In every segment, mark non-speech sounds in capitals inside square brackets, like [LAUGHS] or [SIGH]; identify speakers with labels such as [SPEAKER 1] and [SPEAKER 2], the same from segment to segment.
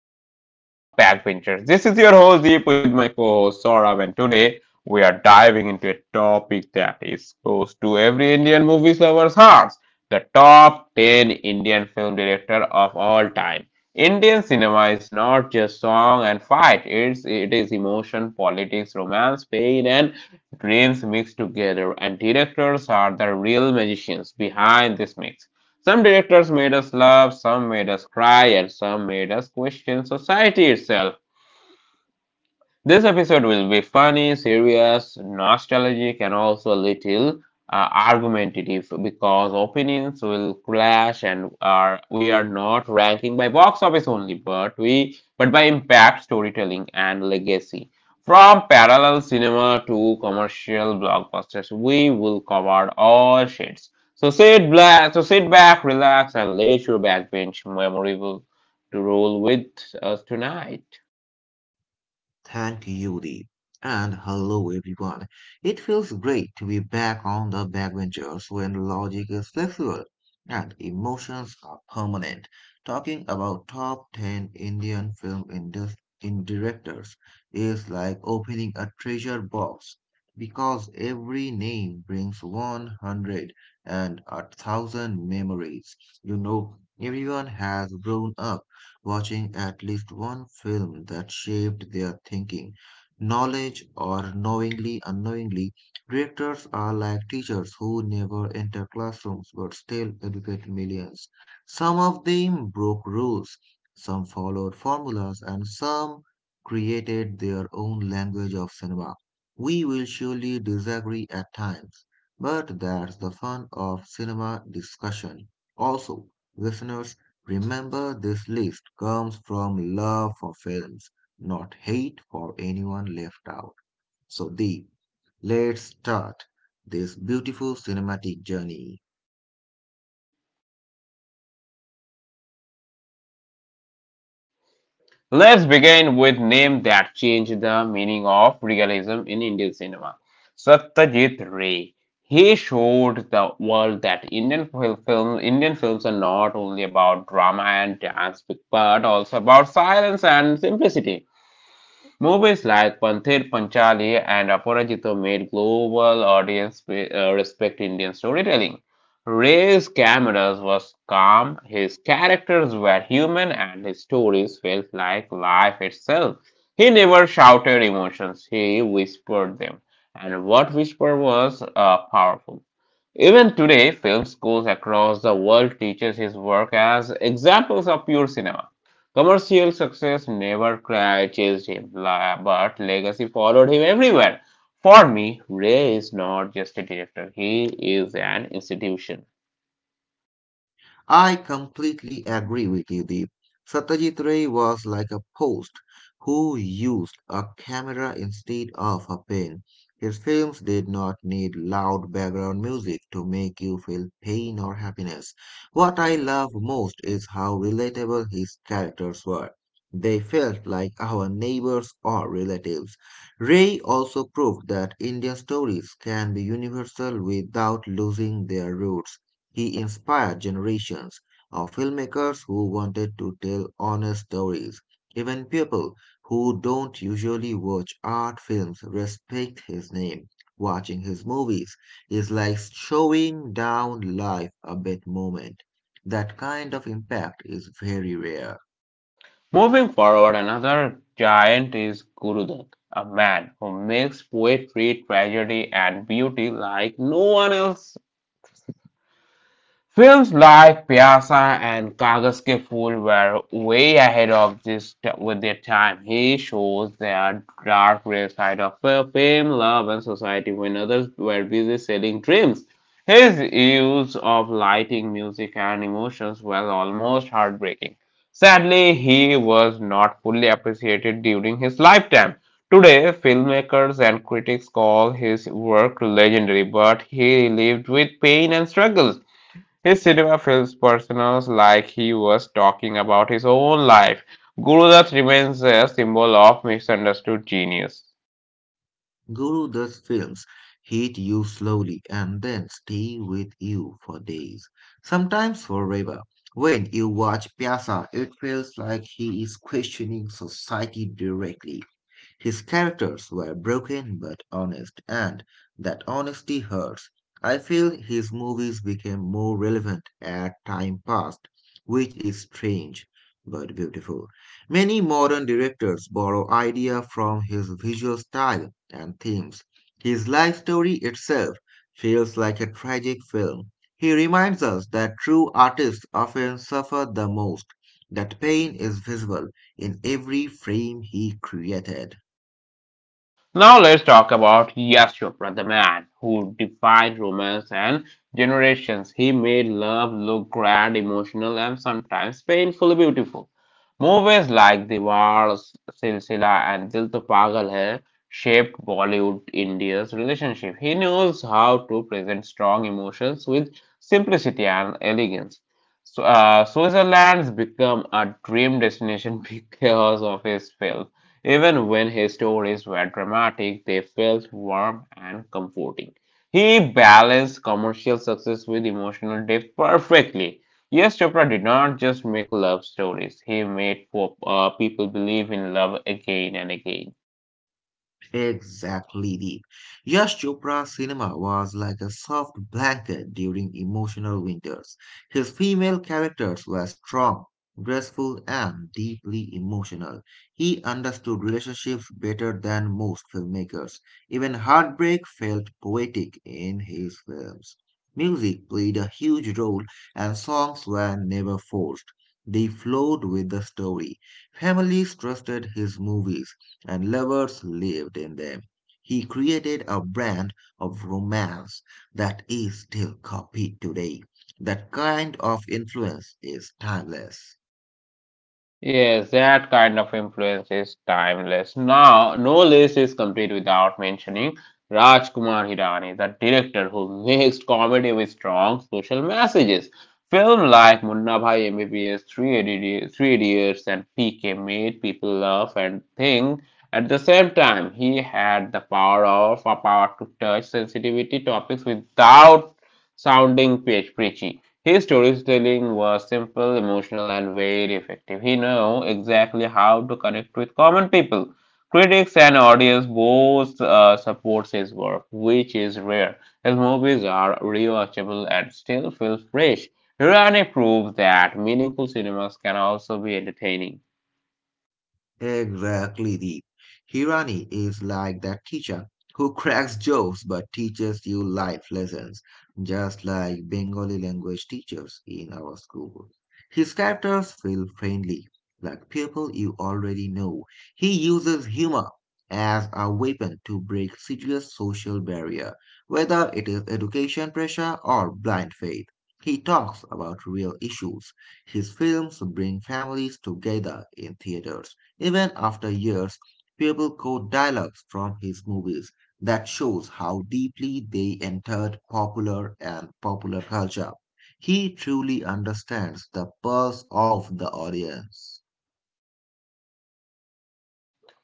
[SPEAKER 1] show, The Backbenchers. This is your host Deep with my co-host Saurabh, and today we are diving into a topic that is close to every Indian movie lover's hearts: the top 10 Indian film director of all time. Indian cinema is not just song and fight; it is emotion, politics, romance, pain, and dreams mixed together. And directors are the real magicians behind this mix. Some directors made us laugh, some made us cry, and some made us question society itself. This episode will be funny, serious, nostalgic, and also a little argumentative because opinions will clash, and are we are not ranking by box office only, but by impact, storytelling, and legacy. From parallel cinema to commercial blockbusters, we will cover all shades. So sit back, relax, and let your backbench memorable to roll with us tonight.
[SPEAKER 2] Thank you, Deep. And hello, everyone. It feels great to be back on the backbenchers when logic is flexible and emotions are permanent. Talking about top 10 Indian film indus- in directors is like opening a treasure box because every name brings 100 and a thousand memories. You know, everyone has grown up watching at least one film that shaped their thinking. Knowledge or knowingly unknowingly, directors are like teachers who never enter classrooms but still educate millions. Some of them broke rules, some followed formulas, and some created their own language of cinema. We will surely disagree at times, but that's the fun of cinema discussion. Also, listeners, remember, this list comes from love for films, not hate for anyone left out. So, Deep, let's start this beautiful cinematic journey.
[SPEAKER 1] Let's begin with name that changed the meaning of realism in Indian cinema. Satyajit Ray. He showed the world that Indian films are not only about drama and dance, but also about silence and simplicity. Movies like Panthera Panchali and Aparajito made global audience respect Indian storytelling. Ray's cameras was calm, his characters were human, and his stories felt like life itself. He never shouted emotions, he whispered them. And what whisper was powerful. Even today, film schools across the world teaches his work as examples of pure cinema. Commercial success never chased him, but legacy followed him everywhere. For me, Ray is not just a director, he is an institution.
[SPEAKER 2] I completely agree with you, Deep. Satyajit Ray was like a post who used a camera instead of a pen. His films did not need loud background music to make you feel pain or happiness. What I love most is how relatable his characters were. They felt like our neighbors or relatives. Ray also proved that Indian stories can be universal without losing their roots. He inspired generations of filmmakers who wanted to tell honest stories. Even people who don't usually watch art films respect his name. Watching his movies is like showing down life a bit moment. That kind of impact is very rare.
[SPEAKER 1] Moving forward, another giant is Guru Dutt, a man who makes poetry, tragedy, and beauty like no one else. Films like Piazza and Kagaske Phool* were way ahead of this t- with their time. He shows the dark gray side of fame, love, and society when others were busy selling dreams. His use of lighting, music, and emotions was almost heartbreaking. Sadly, he was not fully appreciated during his lifetime. Today, filmmakers and critics call his work legendary, but he lived with pain and struggles. His cinema feels personal, like he was talking about his own life. Gurudutt remains a symbol of misunderstood genius.
[SPEAKER 2] Guru thus films hit you slowly and then stay with you for days, sometimes forever. When you watch Pyasa, it feels like he is questioning society directly. His characters were broken but honest, and that honesty hurts. I feel his movies became more relevant as time passed, which is strange but beautiful. Many modern directors borrow ideas from his visual style and themes. His life story itself feels like a tragic film. He reminds us that true artists often suffer the most, that pain is visible in every frame he created.
[SPEAKER 1] Now let's talk about Yash Chopra, the man who defied romance and generations. He made love look grand, emotional, and sometimes painfully beautiful. Movies like Diwar, Silsila, and Dil To Pagal Hai shaped Bollywood India's relationship. He knows how to present strong emotions with simplicity and elegance. So, Switzerland's become a dream destination [LAUGHS] because of his film. Even when his stories were dramatic, they felt warm and comforting. He balanced commercial success with emotional depth perfectly. Yes, Chopra did not just make love stories, he made people believe in love again and again.
[SPEAKER 2] Exactly, Deep. Yash Chopra's cinema was like a soft blanket during emotional winters. His female characters were strong, graceful, and deeply emotional. He understood relationships better than most filmmakers. Even heartbreak felt poetic in his films. Music played a huge role, and songs were never forced. They flowed with the story. Families trusted his movies and lovers lived in them. He created a brand of romance that is still copied today. That kind of influence is timeless.
[SPEAKER 1] Yes, that kind of influence is timeless. Now, no list is complete without mentioning Rajkumar Hirani, the director who mixed comedy with strong social messages. Films like Munna Bhai MBBS, Three Idiots, and PK made people laugh and think. At the same time, he had the power of a power to touch sensitivity topics without sounding preachy. His storytelling was simple, emotional, and very effective. He knew exactly how to connect with common people. Critics and audience both supports his work, which is rare. His movies are rewatchable and still feel fresh. Hirani proves that meaningful cinemas can also be entertaining.
[SPEAKER 2] Exactly, Deep. Hirani is like that teacher who [LAUGHS] cracks jokes but teaches you life lessons, just like Bengali language teachers in our school. His characters feel friendly, like people you already know. He uses humor as a weapon to break serious social barrier, whether it is education pressure or blind faith. He talks about real issues. His films bring families together in theaters. Even after years, people quote dialogues from his movies. That shows how deeply they entered popular and popular culture. He truly understands the pulse of the audience.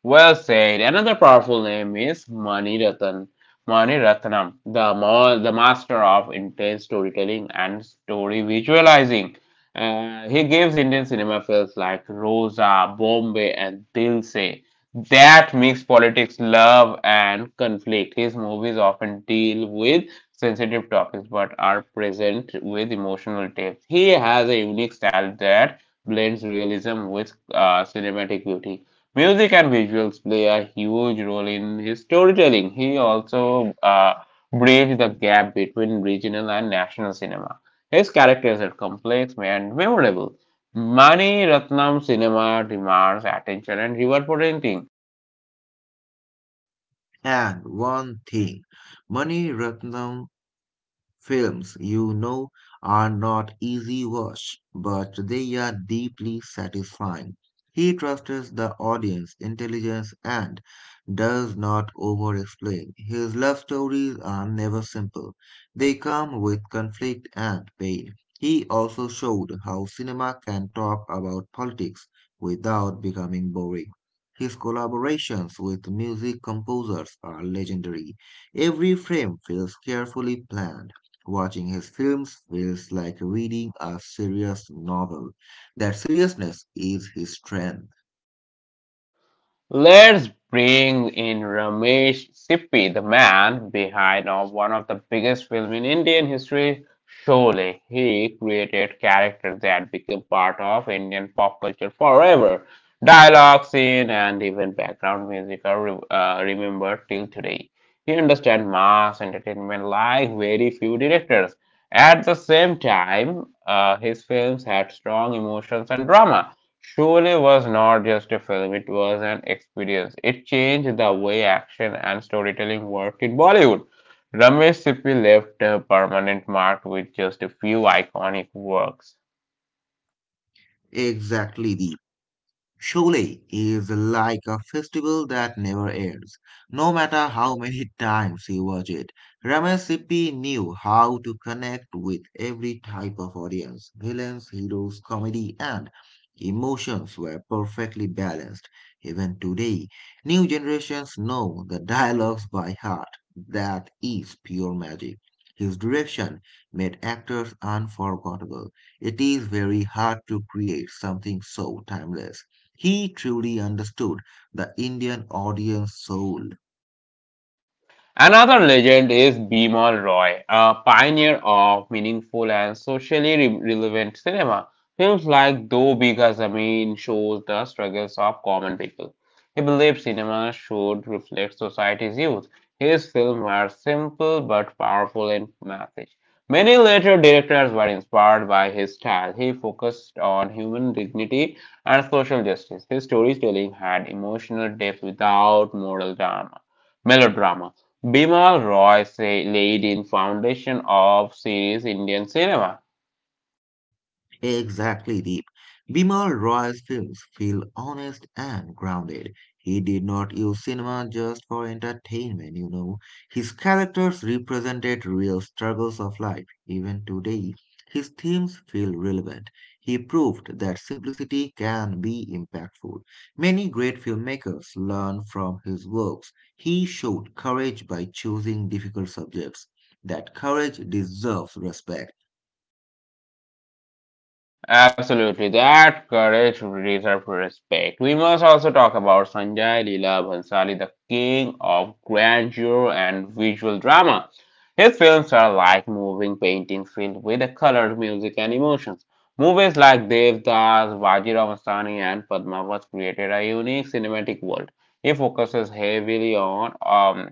[SPEAKER 1] Well said. Another powerful name is Mani Ratan. Mani Ratnam, the master of intense storytelling and story visualizing. He gives Indian cinema films like Rosa, Bombay, and Dil Se that mix politics, love, and conflict. His movies often deal with sensitive topics but are present with emotional depth. He has a unique style that blends realism with cinematic beauty. Music and visuals play a huge role in his storytelling. He also bridged the gap between regional and national cinema. His characters are complex and memorable. Mani Ratnam cinema demands attention and reward for anything.
[SPEAKER 2] And one thing, Mani Ratnam films are not easy watch, but they are deeply satisfying. He trusts the audience intelligence and does not over-explain. His love stories are never simple. They come with conflict and pain. He also showed how cinema can talk about politics without becoming boring. His collaborations with music composers are legendary. Every frame feels carefully planned. Watching his films feels like reading a serious novel. That seriousness is his strength.
[SPEAKER 1] Let's bring in Ramesh Sippy, the man behind of one of the biggest films in Indian history, Sholay. He created characters that became part of Indian pop culture forever. Dialogue, scene, and even background music are remembered till today. He understands mass entertainment like very few directors. At the same time, his films had strong emotions and drama. Sholay was not just a film, it was an experience. It changed the way action and storytelling worked in Bollywood. Ramesh Sippy left a permanent mark with just a few iconic works.
[SPEAKER 2] Exactly, Deep. Surely is like a festival that never ends, no matter how many times you watch it. Ramesh Sippy knew how to connect with every type of audience. Villains, heroes, comedy, and emotions were perfectly balanced. Even today, new generations know the dialogues by heart. That is pure magic. His direction made actors unforgettable. It is very hard to create something so timeless. He truly understood the Indian audience soul.
[SPEAKER 1] Another legend is Bimal Roy, a pioneer of meaningful and socially relevant cinema. Films like Do Bigha Zameen shows the struggles of common people. He believed cinema should reflect society's youth. His films were simple but powerful in message. Many later directors were inspired by his style. He focused on human dignity and social justice. His storytelling had emotional depth without moral drama melodrama. Bimal Roy Said laid in Foundation of serious Indian Cinema.
[SPEAKER 2] Exactly, Deep. Bimal Roy's films feel honest and grounded. He did not use cinema just for entertainment. His characters represented real struggles of life. Even today, his themes feel relevant. He proved that simplicity can be impactful. Many great filmmakers learn from his works. He showed courage by choosing difficult subjects. That courage deserves respect.
[SPEAKER 1] Absolutely, that courage deserves respect. We must also talk about Sanjay Leela Bhansali, the king of grandeur and visual drama. His films are like moving paintings filled with the colors, music, and emotions. Movies like Devdas, Vajirao Mastani, and Padmavat created a unique cinematic world. He focuses heavily on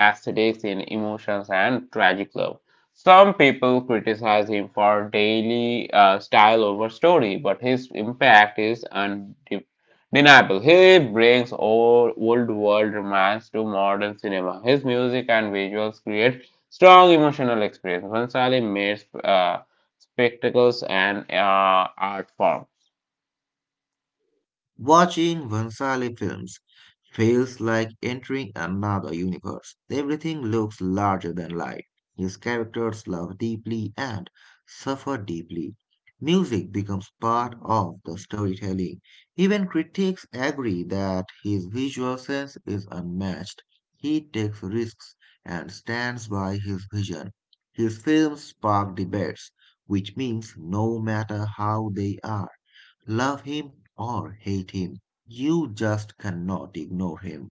[SPEAKER 1] aesthetics in emotions and tragic love. Some people criticize him for daily style over story, but his impact is undeniable. He brings old world romance to modern cinema. His music and visuals create strong emotional experience. Bhansali made spectacles and art form.
[SPEAKER 2] Watching Vansali films feels like entering another universe. Everything looks larger than life. His characters love deeply and suffer deeply. Music becomes part of the storytelling. Even critics agree that his visual sense is unmatched. He takes risks and stands by his vision. His films spark debates, which means no matter how they are, love him or hate him, you just cannot ignore him.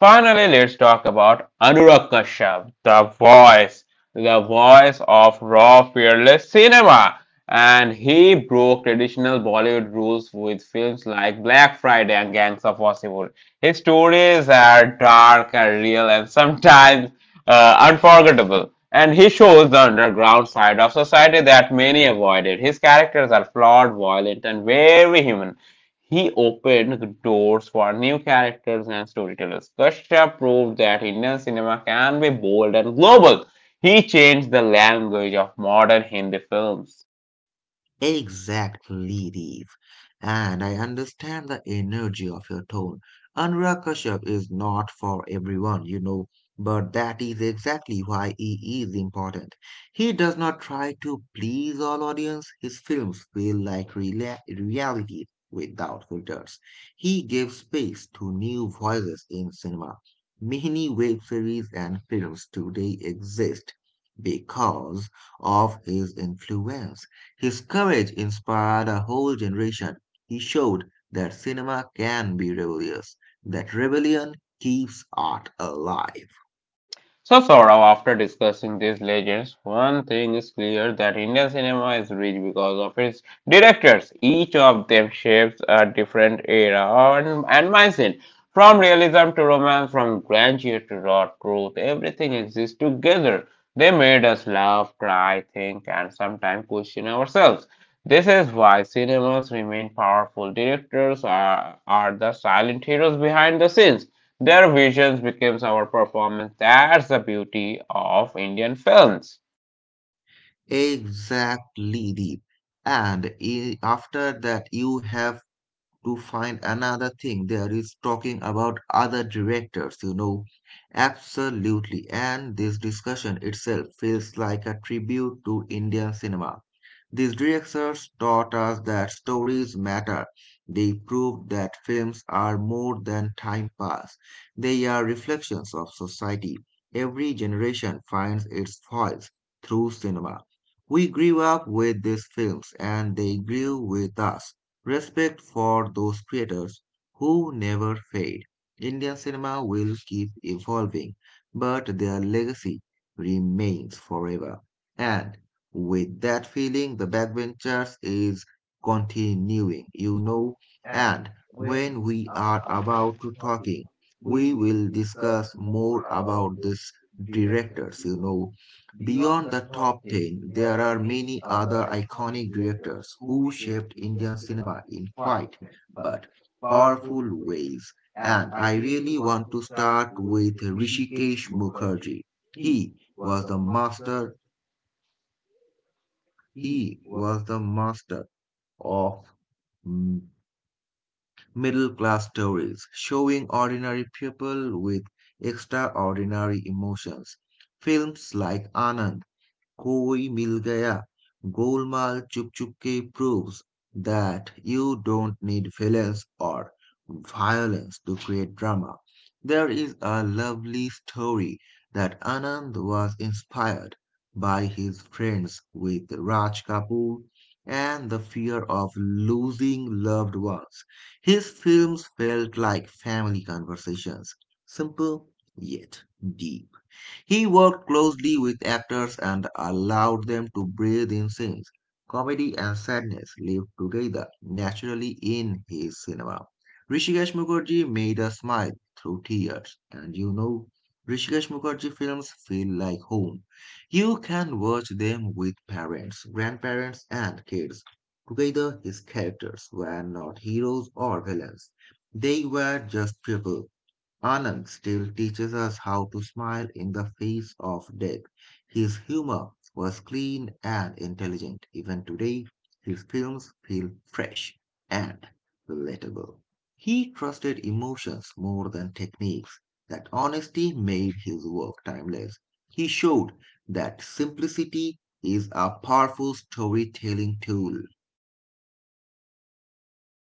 [SPEAKER 1] Finally, let's talk about Anurag Kashyap, the voice of raw, fearless cinema. And he broke traditional Bollywood rules with films like Black Friday and Gangs of Wasseypur. His stories are dark and real and sometimes unforgettable. And he shows the underground side of society that many avoided. His characters are flawed, violent, and very human. He opened the doors for new characters and storytellers. Kashyap proved that Indian cinema can be bold and global. He changed the language of modern Hindi films.
[SPEAKER 2] Exactly, Deep. And I understand the energy of your tone. Anurag Kashyap is not for everyone, but that is exactly why he is important. He does not try to please all audience. His films feel like reality without filters. He gives space to new voices in cinema. Many web series and films today exist because of his influence. His courage inspired a whole generation. He showed that cinema can be rebellious, that rebellion keeps art alive.
[SPEAKER 1] So, Saurav, after discussing these legends, one thing is clear that Indian cinema is rich because of its directors. Each of them shapes a different era and mindset. From realism to romance, from grandeur to raw truth, everything exists together. They made us laugh, cry, think, and sometimes question ourselves. This is why cinemas remain powerful. Directors are the silent heroes behind the scenes. Their visions becomes our performance. That's the beauty of Indian films.
[SPEAKER 2] Exactly, Deep. And after that, you have to find another thing there is talking about other directors, absolutely, and this discussion itself feels like a tribute to Indian cinema. These directors taught us that stories matter. They proved that films are more than time pass. They are reflections of society. Every generation finds its voice through cinema. We grew up with these films and they grew with us. Respect for those creators who never fade. Indian cinema will keep evolving, but their legacy remains forever. And with that feeling, the backbenchers is continuing. And when we are about to talking, we will discuss more about these directors. Beyond the top 10, there are many other iconic directors who shaped Indian cinema in quiet but powerful ways. And I really want to start with Rishikesh Mukherjee. He was the master, he was the master of middle class stories, showing ordinary people with extraordinary emotions. Films like Anand, Koi Mil Gaya, Golmaal, Chup Chup Ke proves that you don't need villains or violence to create drama. There is a lovely story that Anand was inspired by his friends with Raj Kapoor and the fear of losing loved ones. His films felt like family conversations, simple yet deep. He worked closely with actors and allowed them to breathe in scenes. Comedy and sadness lived together naturally in his cinema. Rishikesh Mukherjee made us smile through tears, and Rishikesh Mukherjee films feel like home. You can watch them with parents, grandparents, and kids. Together, his characters were not heroes or villains. They were just people. Anand still teaches us how to smile in the face of death. His humor was clean and intelligent. Even today, his films feel fresh and relatable. He trusted emotions more than techniques. That honesty made his work timeless. He showed that simplicity is a powerful storytelling tool.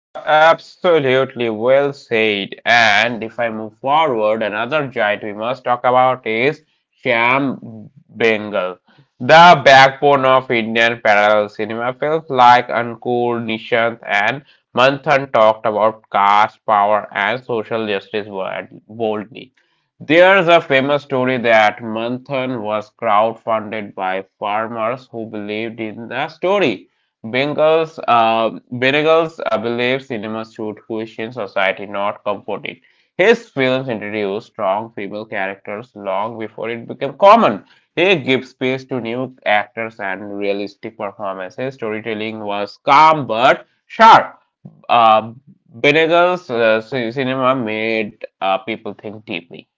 [SPEAKER 1] Absolutely well said. And if I move forward, another giant we must talk about is Shyam Bengal. The backbone of Indian parallel cinema films like Ankur, Nishant, and Manthan talked about caste, power, and social justice boldly. There's a famous story that Manthan was crowdfunded by farmers who believed in the story. Benegals believed cinema should question society, not comfort it. His films introduced strong female characters long before it became common. He gave space to new actors and realistic performances. Storytelling was calm but sharp. Uh, Benegal's cinema made people think deeply.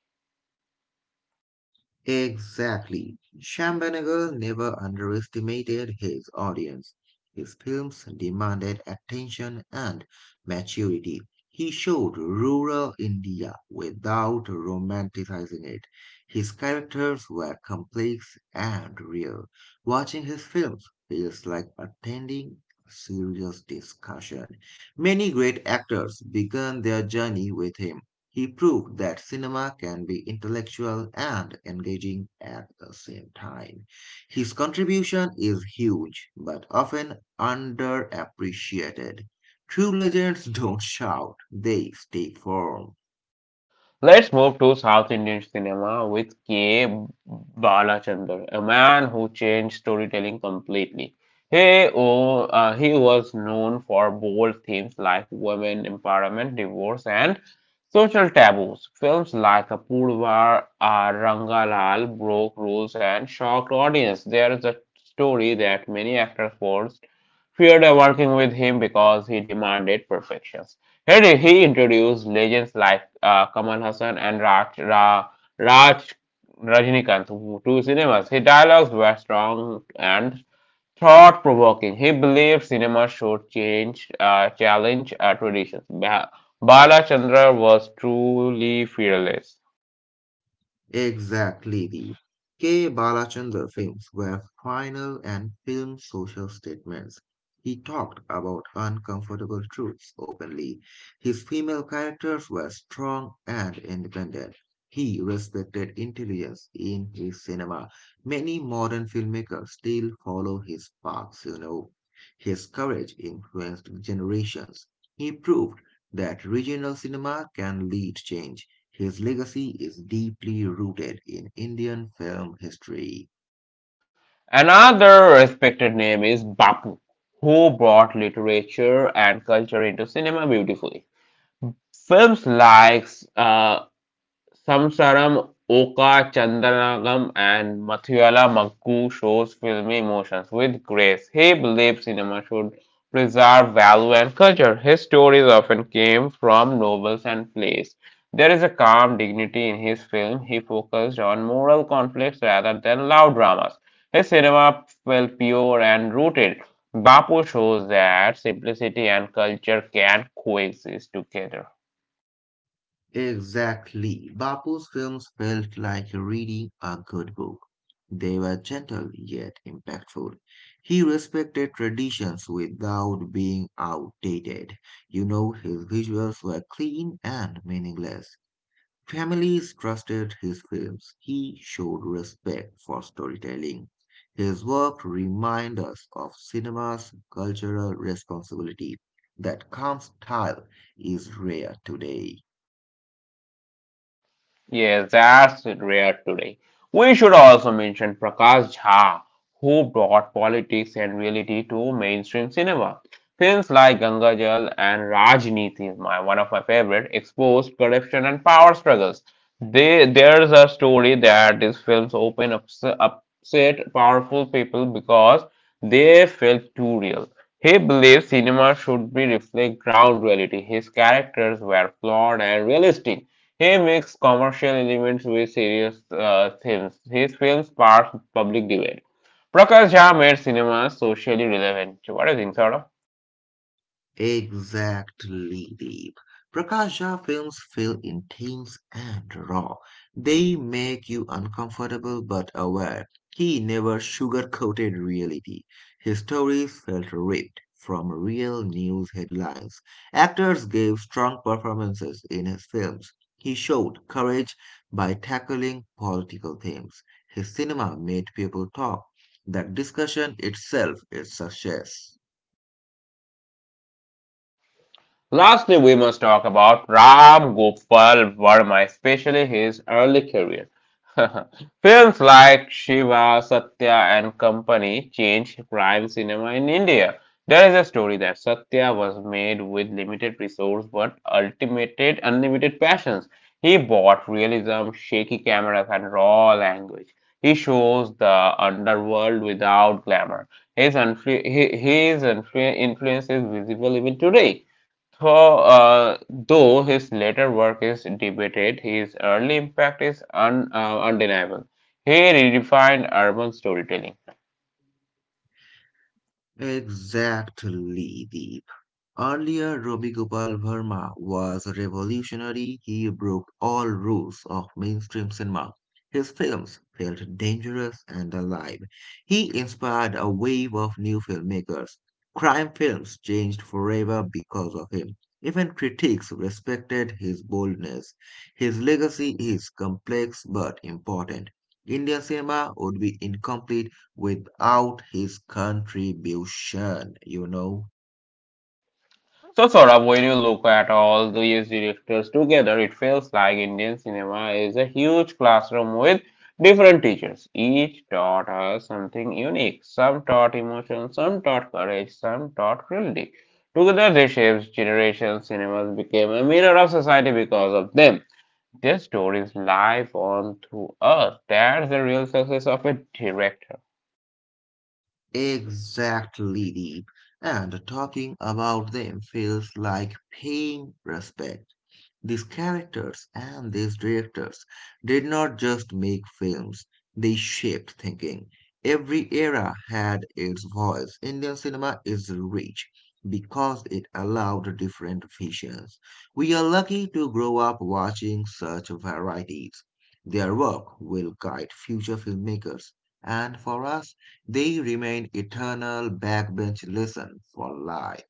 [SPEAKER 2] Exactly. Shambanegal never underestimated his audience. His films demanded attention and maturity. He showed rural India without romanticizing it. His characters were complex and real. Watching his films feels like attending a serious discussion. Many great actors began their journey with him. He proved that cinema can be intellectual and engaging at the same time. His contribution is huge, but often underappreciated. True legends [LAUGHS] don't shout, they stay firm.
[SPEAKER 1] Let's move to South Indian cinema with K. Balachandar, a man who changed storytelling completely. He was known for bold themes like women empowerment, divorce, and social taboos. Films like Apurva Rangalal broke rules and shocked audience. There is a story that many actors forced feared working with him because he demanded perfection. Here he introduced legends like Kamal Hassan and Raj Rajinikanth to cinemas. His dialogues were strong and thought provoking. He believed cinema should challenge traditions. Balachandra was truly fearless.
[SPEAKER 2] Exactly, the K. Balachandra films were final and film social statements. He talked about uncomfortable truths openly. His female characters were strong and independent. He respected intelligence in his cinema. Many modern filmmakers still follow his paths. His courage influenced generations. He proved that regional cinema can lead change. His legacy is deeply rooted in Indian film history.
[SPEAKER 1] Another respected name is Bapu, who brought literature and culture into cinema beautifully. Films like uh, Samsaram, Oka, Chandanagam, and Mathuyala Maggu shows filmy emotions with grace. He believes cinema should preserve value and culture. His stories often came from novels and plays. There is a calm dignity in his film. He focused on moral conflicts rather than loud dramas. His cinema felt pure and rooted. Bapu shows that simplicity and culture can coexist together.
[SPEAKER 2] Exactly. Bapu's films felt like reading a good book. They were gentle yet impactful. He respected traditions without being outdated. His visuals were clean and meaningless. Families trusted his films. He showed respect for storytelling. His work reminds us of cinema's cultural responsibility. That calm style is rare today.
[SPEAKER 1] Yes, that's rare today. We should also mention Prakash Jha, who brought politics and reality to mainstream cinema. Films like Ganga Jal and Rajniti, is my one of my favorite, exposed corruption and power struggles. There's a story that these films upset powerful people because they felt too real. He believes cinema should be reflect ground reality. His characters were flawed and realistic. He mixed commercial elements with serious themes. His films sparked public debate. Prakash Jha made cinema socially relevant. So, what do you think, Saurabh?
[SPEAKER 2] Exactly, Deep. Prakasha films feel intense and raw. They make you uncomfortable but aware. He never sugarcoated reality. His stories felt ripped from real news headlines. Actors gave strong performances in his films. He showed courage by tackling political themes. His cinema made people talk. That discussion itself is success.
[SPEAKER 1] Lastly, we must talk about Ram Gopal Varma, especially his early career. [LAUGHS] Films like Shiva, Satya, and Company changed crime cinema in India. There is a story that Satya was made with limited resources but ultimated unlimited passions. He bought realism, shaky cameras, and raw language. He shows the underworld without glamour. His, influ- his influence is visible even today. Though his later work is debated, his early impact is undeniable. He redefined urban storytelling.
[SPEAKER 2] Exactly, Deep. Earlier, Robi Gopal Verma was a revolutionary. He broke all rules of mainstream cinema. His films felt dangerous and alive. He inspired a wave of new filmmakers. Crime films changed forever because of him. Even critics respected his boldness. His legacy is complex but important. Indian cinema would be incomplete without his contribution.
[SPEAKER 1] Sort of, when you look at all these directors together, it feels like Indian cinema is a huge classroom with different teachers. Each taught us something unique. Some taught emotion, some taught courage, some taught cruelty. Together, they shaped generations. Cinemas became a mirror of society because of them. Their stories live on through us. That's the real success of a director.
[SPEAKER 2] Exactly, Deep. And talking about them feels like paying respect. These characters and these directors did not just make films, they shaped thinking. Every era had its voice. Indian cinema is rich because it allowed different visions. We are lucky to grow up watching such varieties. Their work will guide future filmmakers, and for us, they remain eternal backbench lesson for life.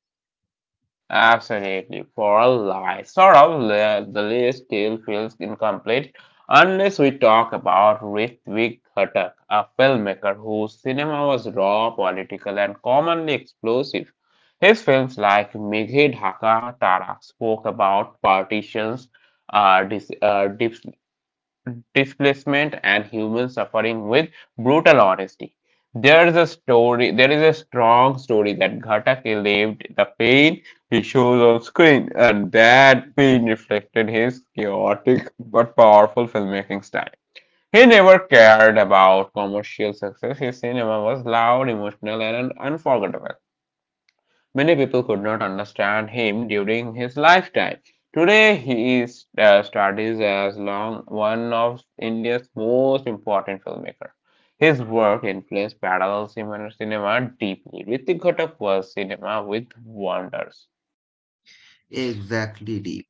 [SPEAKER 1] Absolutely. For a lie, sort of, the list still feels incomplete unless we talk about Ritwik Ghatak, a filmmaker whose cinema was raw, political, and commonly explosive. His films like Mighe Dhaka Tara spoke about partitions, uh, dis, uh, dis- displacement and human suffering with brutal honesty. There is a strong story that Ghatake lived the pain he shows on screen, and that pain reflected his chaotic but powerful filmmaking style. He never cared about commercial success. His cinema was loud, emotional, and unforgettable. Many people could not understand him during his lifetime. Today, he is studies as long one of India's most important filmmakers. His work influenced parallel cinema deeply. Ritik Ghatak was cinema with wonders.
[SPEAKER 2] Exactly, Deep.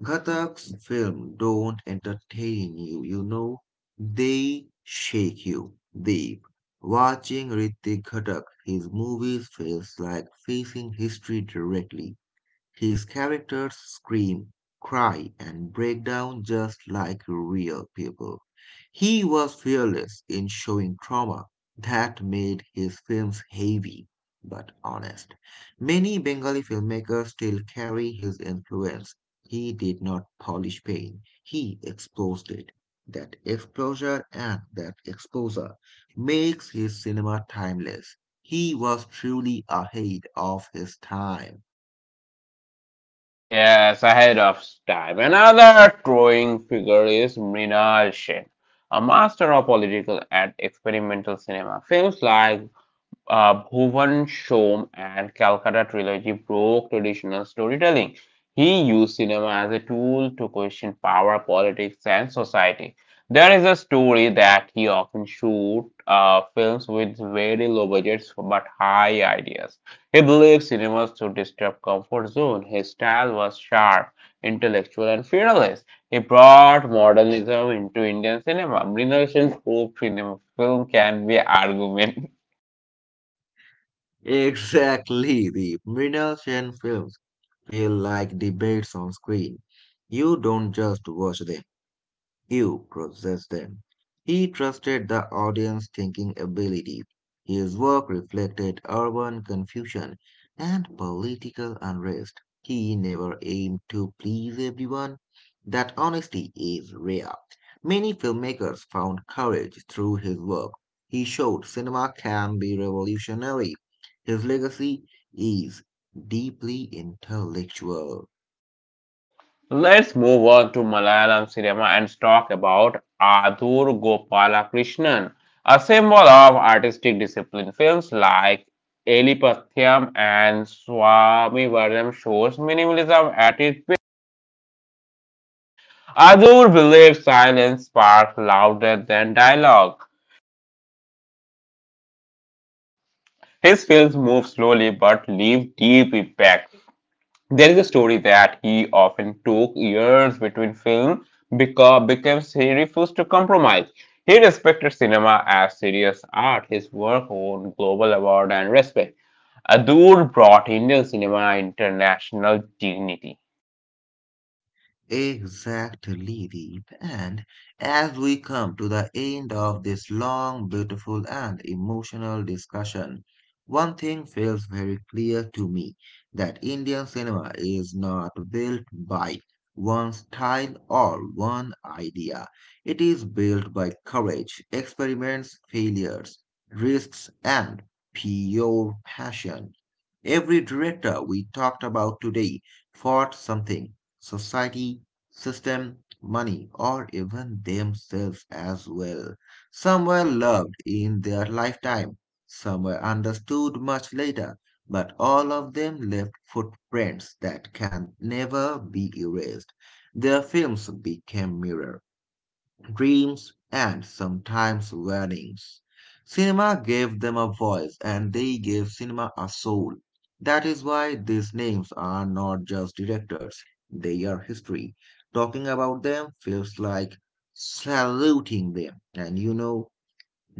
[SPEAKER 2] Ghatak's film don't entertain you, you know. They shake you deep. Watching Ritik Ghatak, his movies feels like facing history directly. His characters scream, cry, and break down just like real people. He was fearless in showing trauma that made his films heavy but honest. Many Bengali filmmakers still carry his influence. He did not polish pain, he exposed it. That exposure makes his cinema timeless. He was truly ahead of his time.
[SPEAKER 1] Yes, ahead of time. Another towering figure is Mrinal Sen, a master of political and experimental cinema. Films like Bhuvan Shom and Calcutta trilogy broke traditional storytelling. He used cinema as a tool to question power, politics, and society. There is a story that he often shoot films with very low budgets but high ideas. He believed cinemas to disturb comfort zone. His style was sharp, intellectual, and fearless. He brought modernism into Indian cinema. Mrinal Sen's hope cinema film can be argument.
[SPEAKER 2] Exactly, the middle gen films feel like debates on screen. You don't just watch them. You process them. He trusted the audience thinking ability. His work reflected urban confusion and political unrest. He never aimed to please everyone. That honesty is rare. Many filmmakers found courage through his work. He showed cinema can be revolutionary. His legacy is deeply intellectual.
[SPEAKER 1] Let's move on to Malayalam cinema and talk about Adur Gopalakrishnan, a symbol of artistic discipline. Films like Elipathyam and Swami Varam shows minimalism at its best. Adur believes silence sparks louder than dialogue. His films move slowly but leave deep impact. There is a story that he often took years between films because he refused to compromise. He respected cinema as serious art. His work won global award and respect. Adur brought Indian cinema international dignity.
[SPEAKER 2] Exactly, Deep. And as we come to the end of this long, beautiful, and emotional discussion, one thing feels very clear to me that Indian cinema is not built by one style or one idea. It is built by courage, experiments, failures, risks, and pure passion. Every director we talked about today fought something, society, system, money, or even themselves as well. Some were loved in their lifetime, some were understood much later, but all of them left footprints that can never be erased. Their films became mirrors, dreams, and sometimes weddings. Cinema gave them a voice and they gave cinema a soul. That is why these names are not just directors, they are history. Talking about them feels like saluting them. And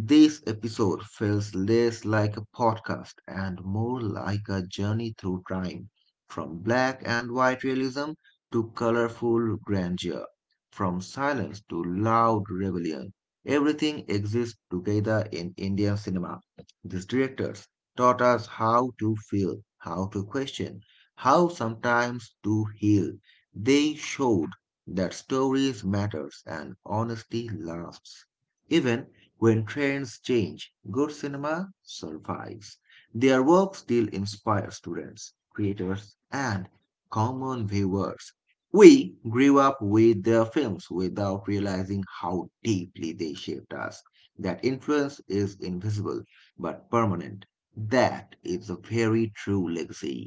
[SPEAKER 2] this episode feels less like a podcast and more like a journey through time, from black and white realism to colorful grandeur, from silence to loud rebellion. Everything exists together in Indian cinema. These directors taught us how to feel, how to question, how sometimes to heal. They showed that stories matters and honesty lasts. Even when trends change, good cinema survives. Their work still inspires students, creators, and common viewers. We grew up with their films without realizing how deeply they shaped us. That influence is invisible but permanent. That is a very true legacy.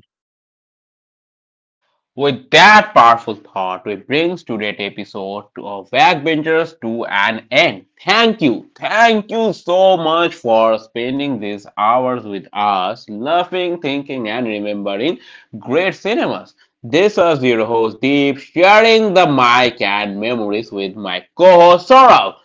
[SPEAKER 1] With that powerful thought, we bring today's episode of Backbenchers to an end. Thank you. Thank you so much for spending these hours with us, laughing, thinking, and remembering great cinemas. This is your host Deep, sharing the mic and memories with my co-host Saurabh.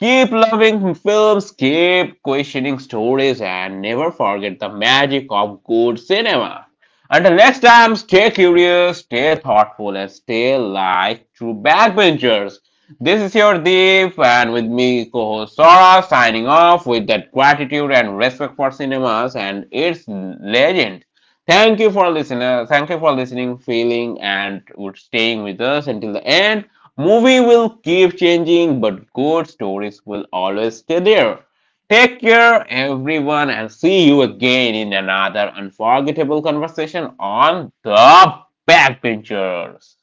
[SPEAKER 1] Keep loving films, keep questioning stories, and never forget the magic of good cinema. Until next time, stay curious, stay thoughtful, and stay like true backbenchers. This is your Deep, and with me, co host Sora, signing off with that gratitude and respect for cinemas and its legend. Thank you for listening. Thank you for listening, feeling, and would staying with us until the end. Movie will keep changing, but good stories will always stay there. Take care, everyone, and see you again in another unforgettable conversation on the backbenchers.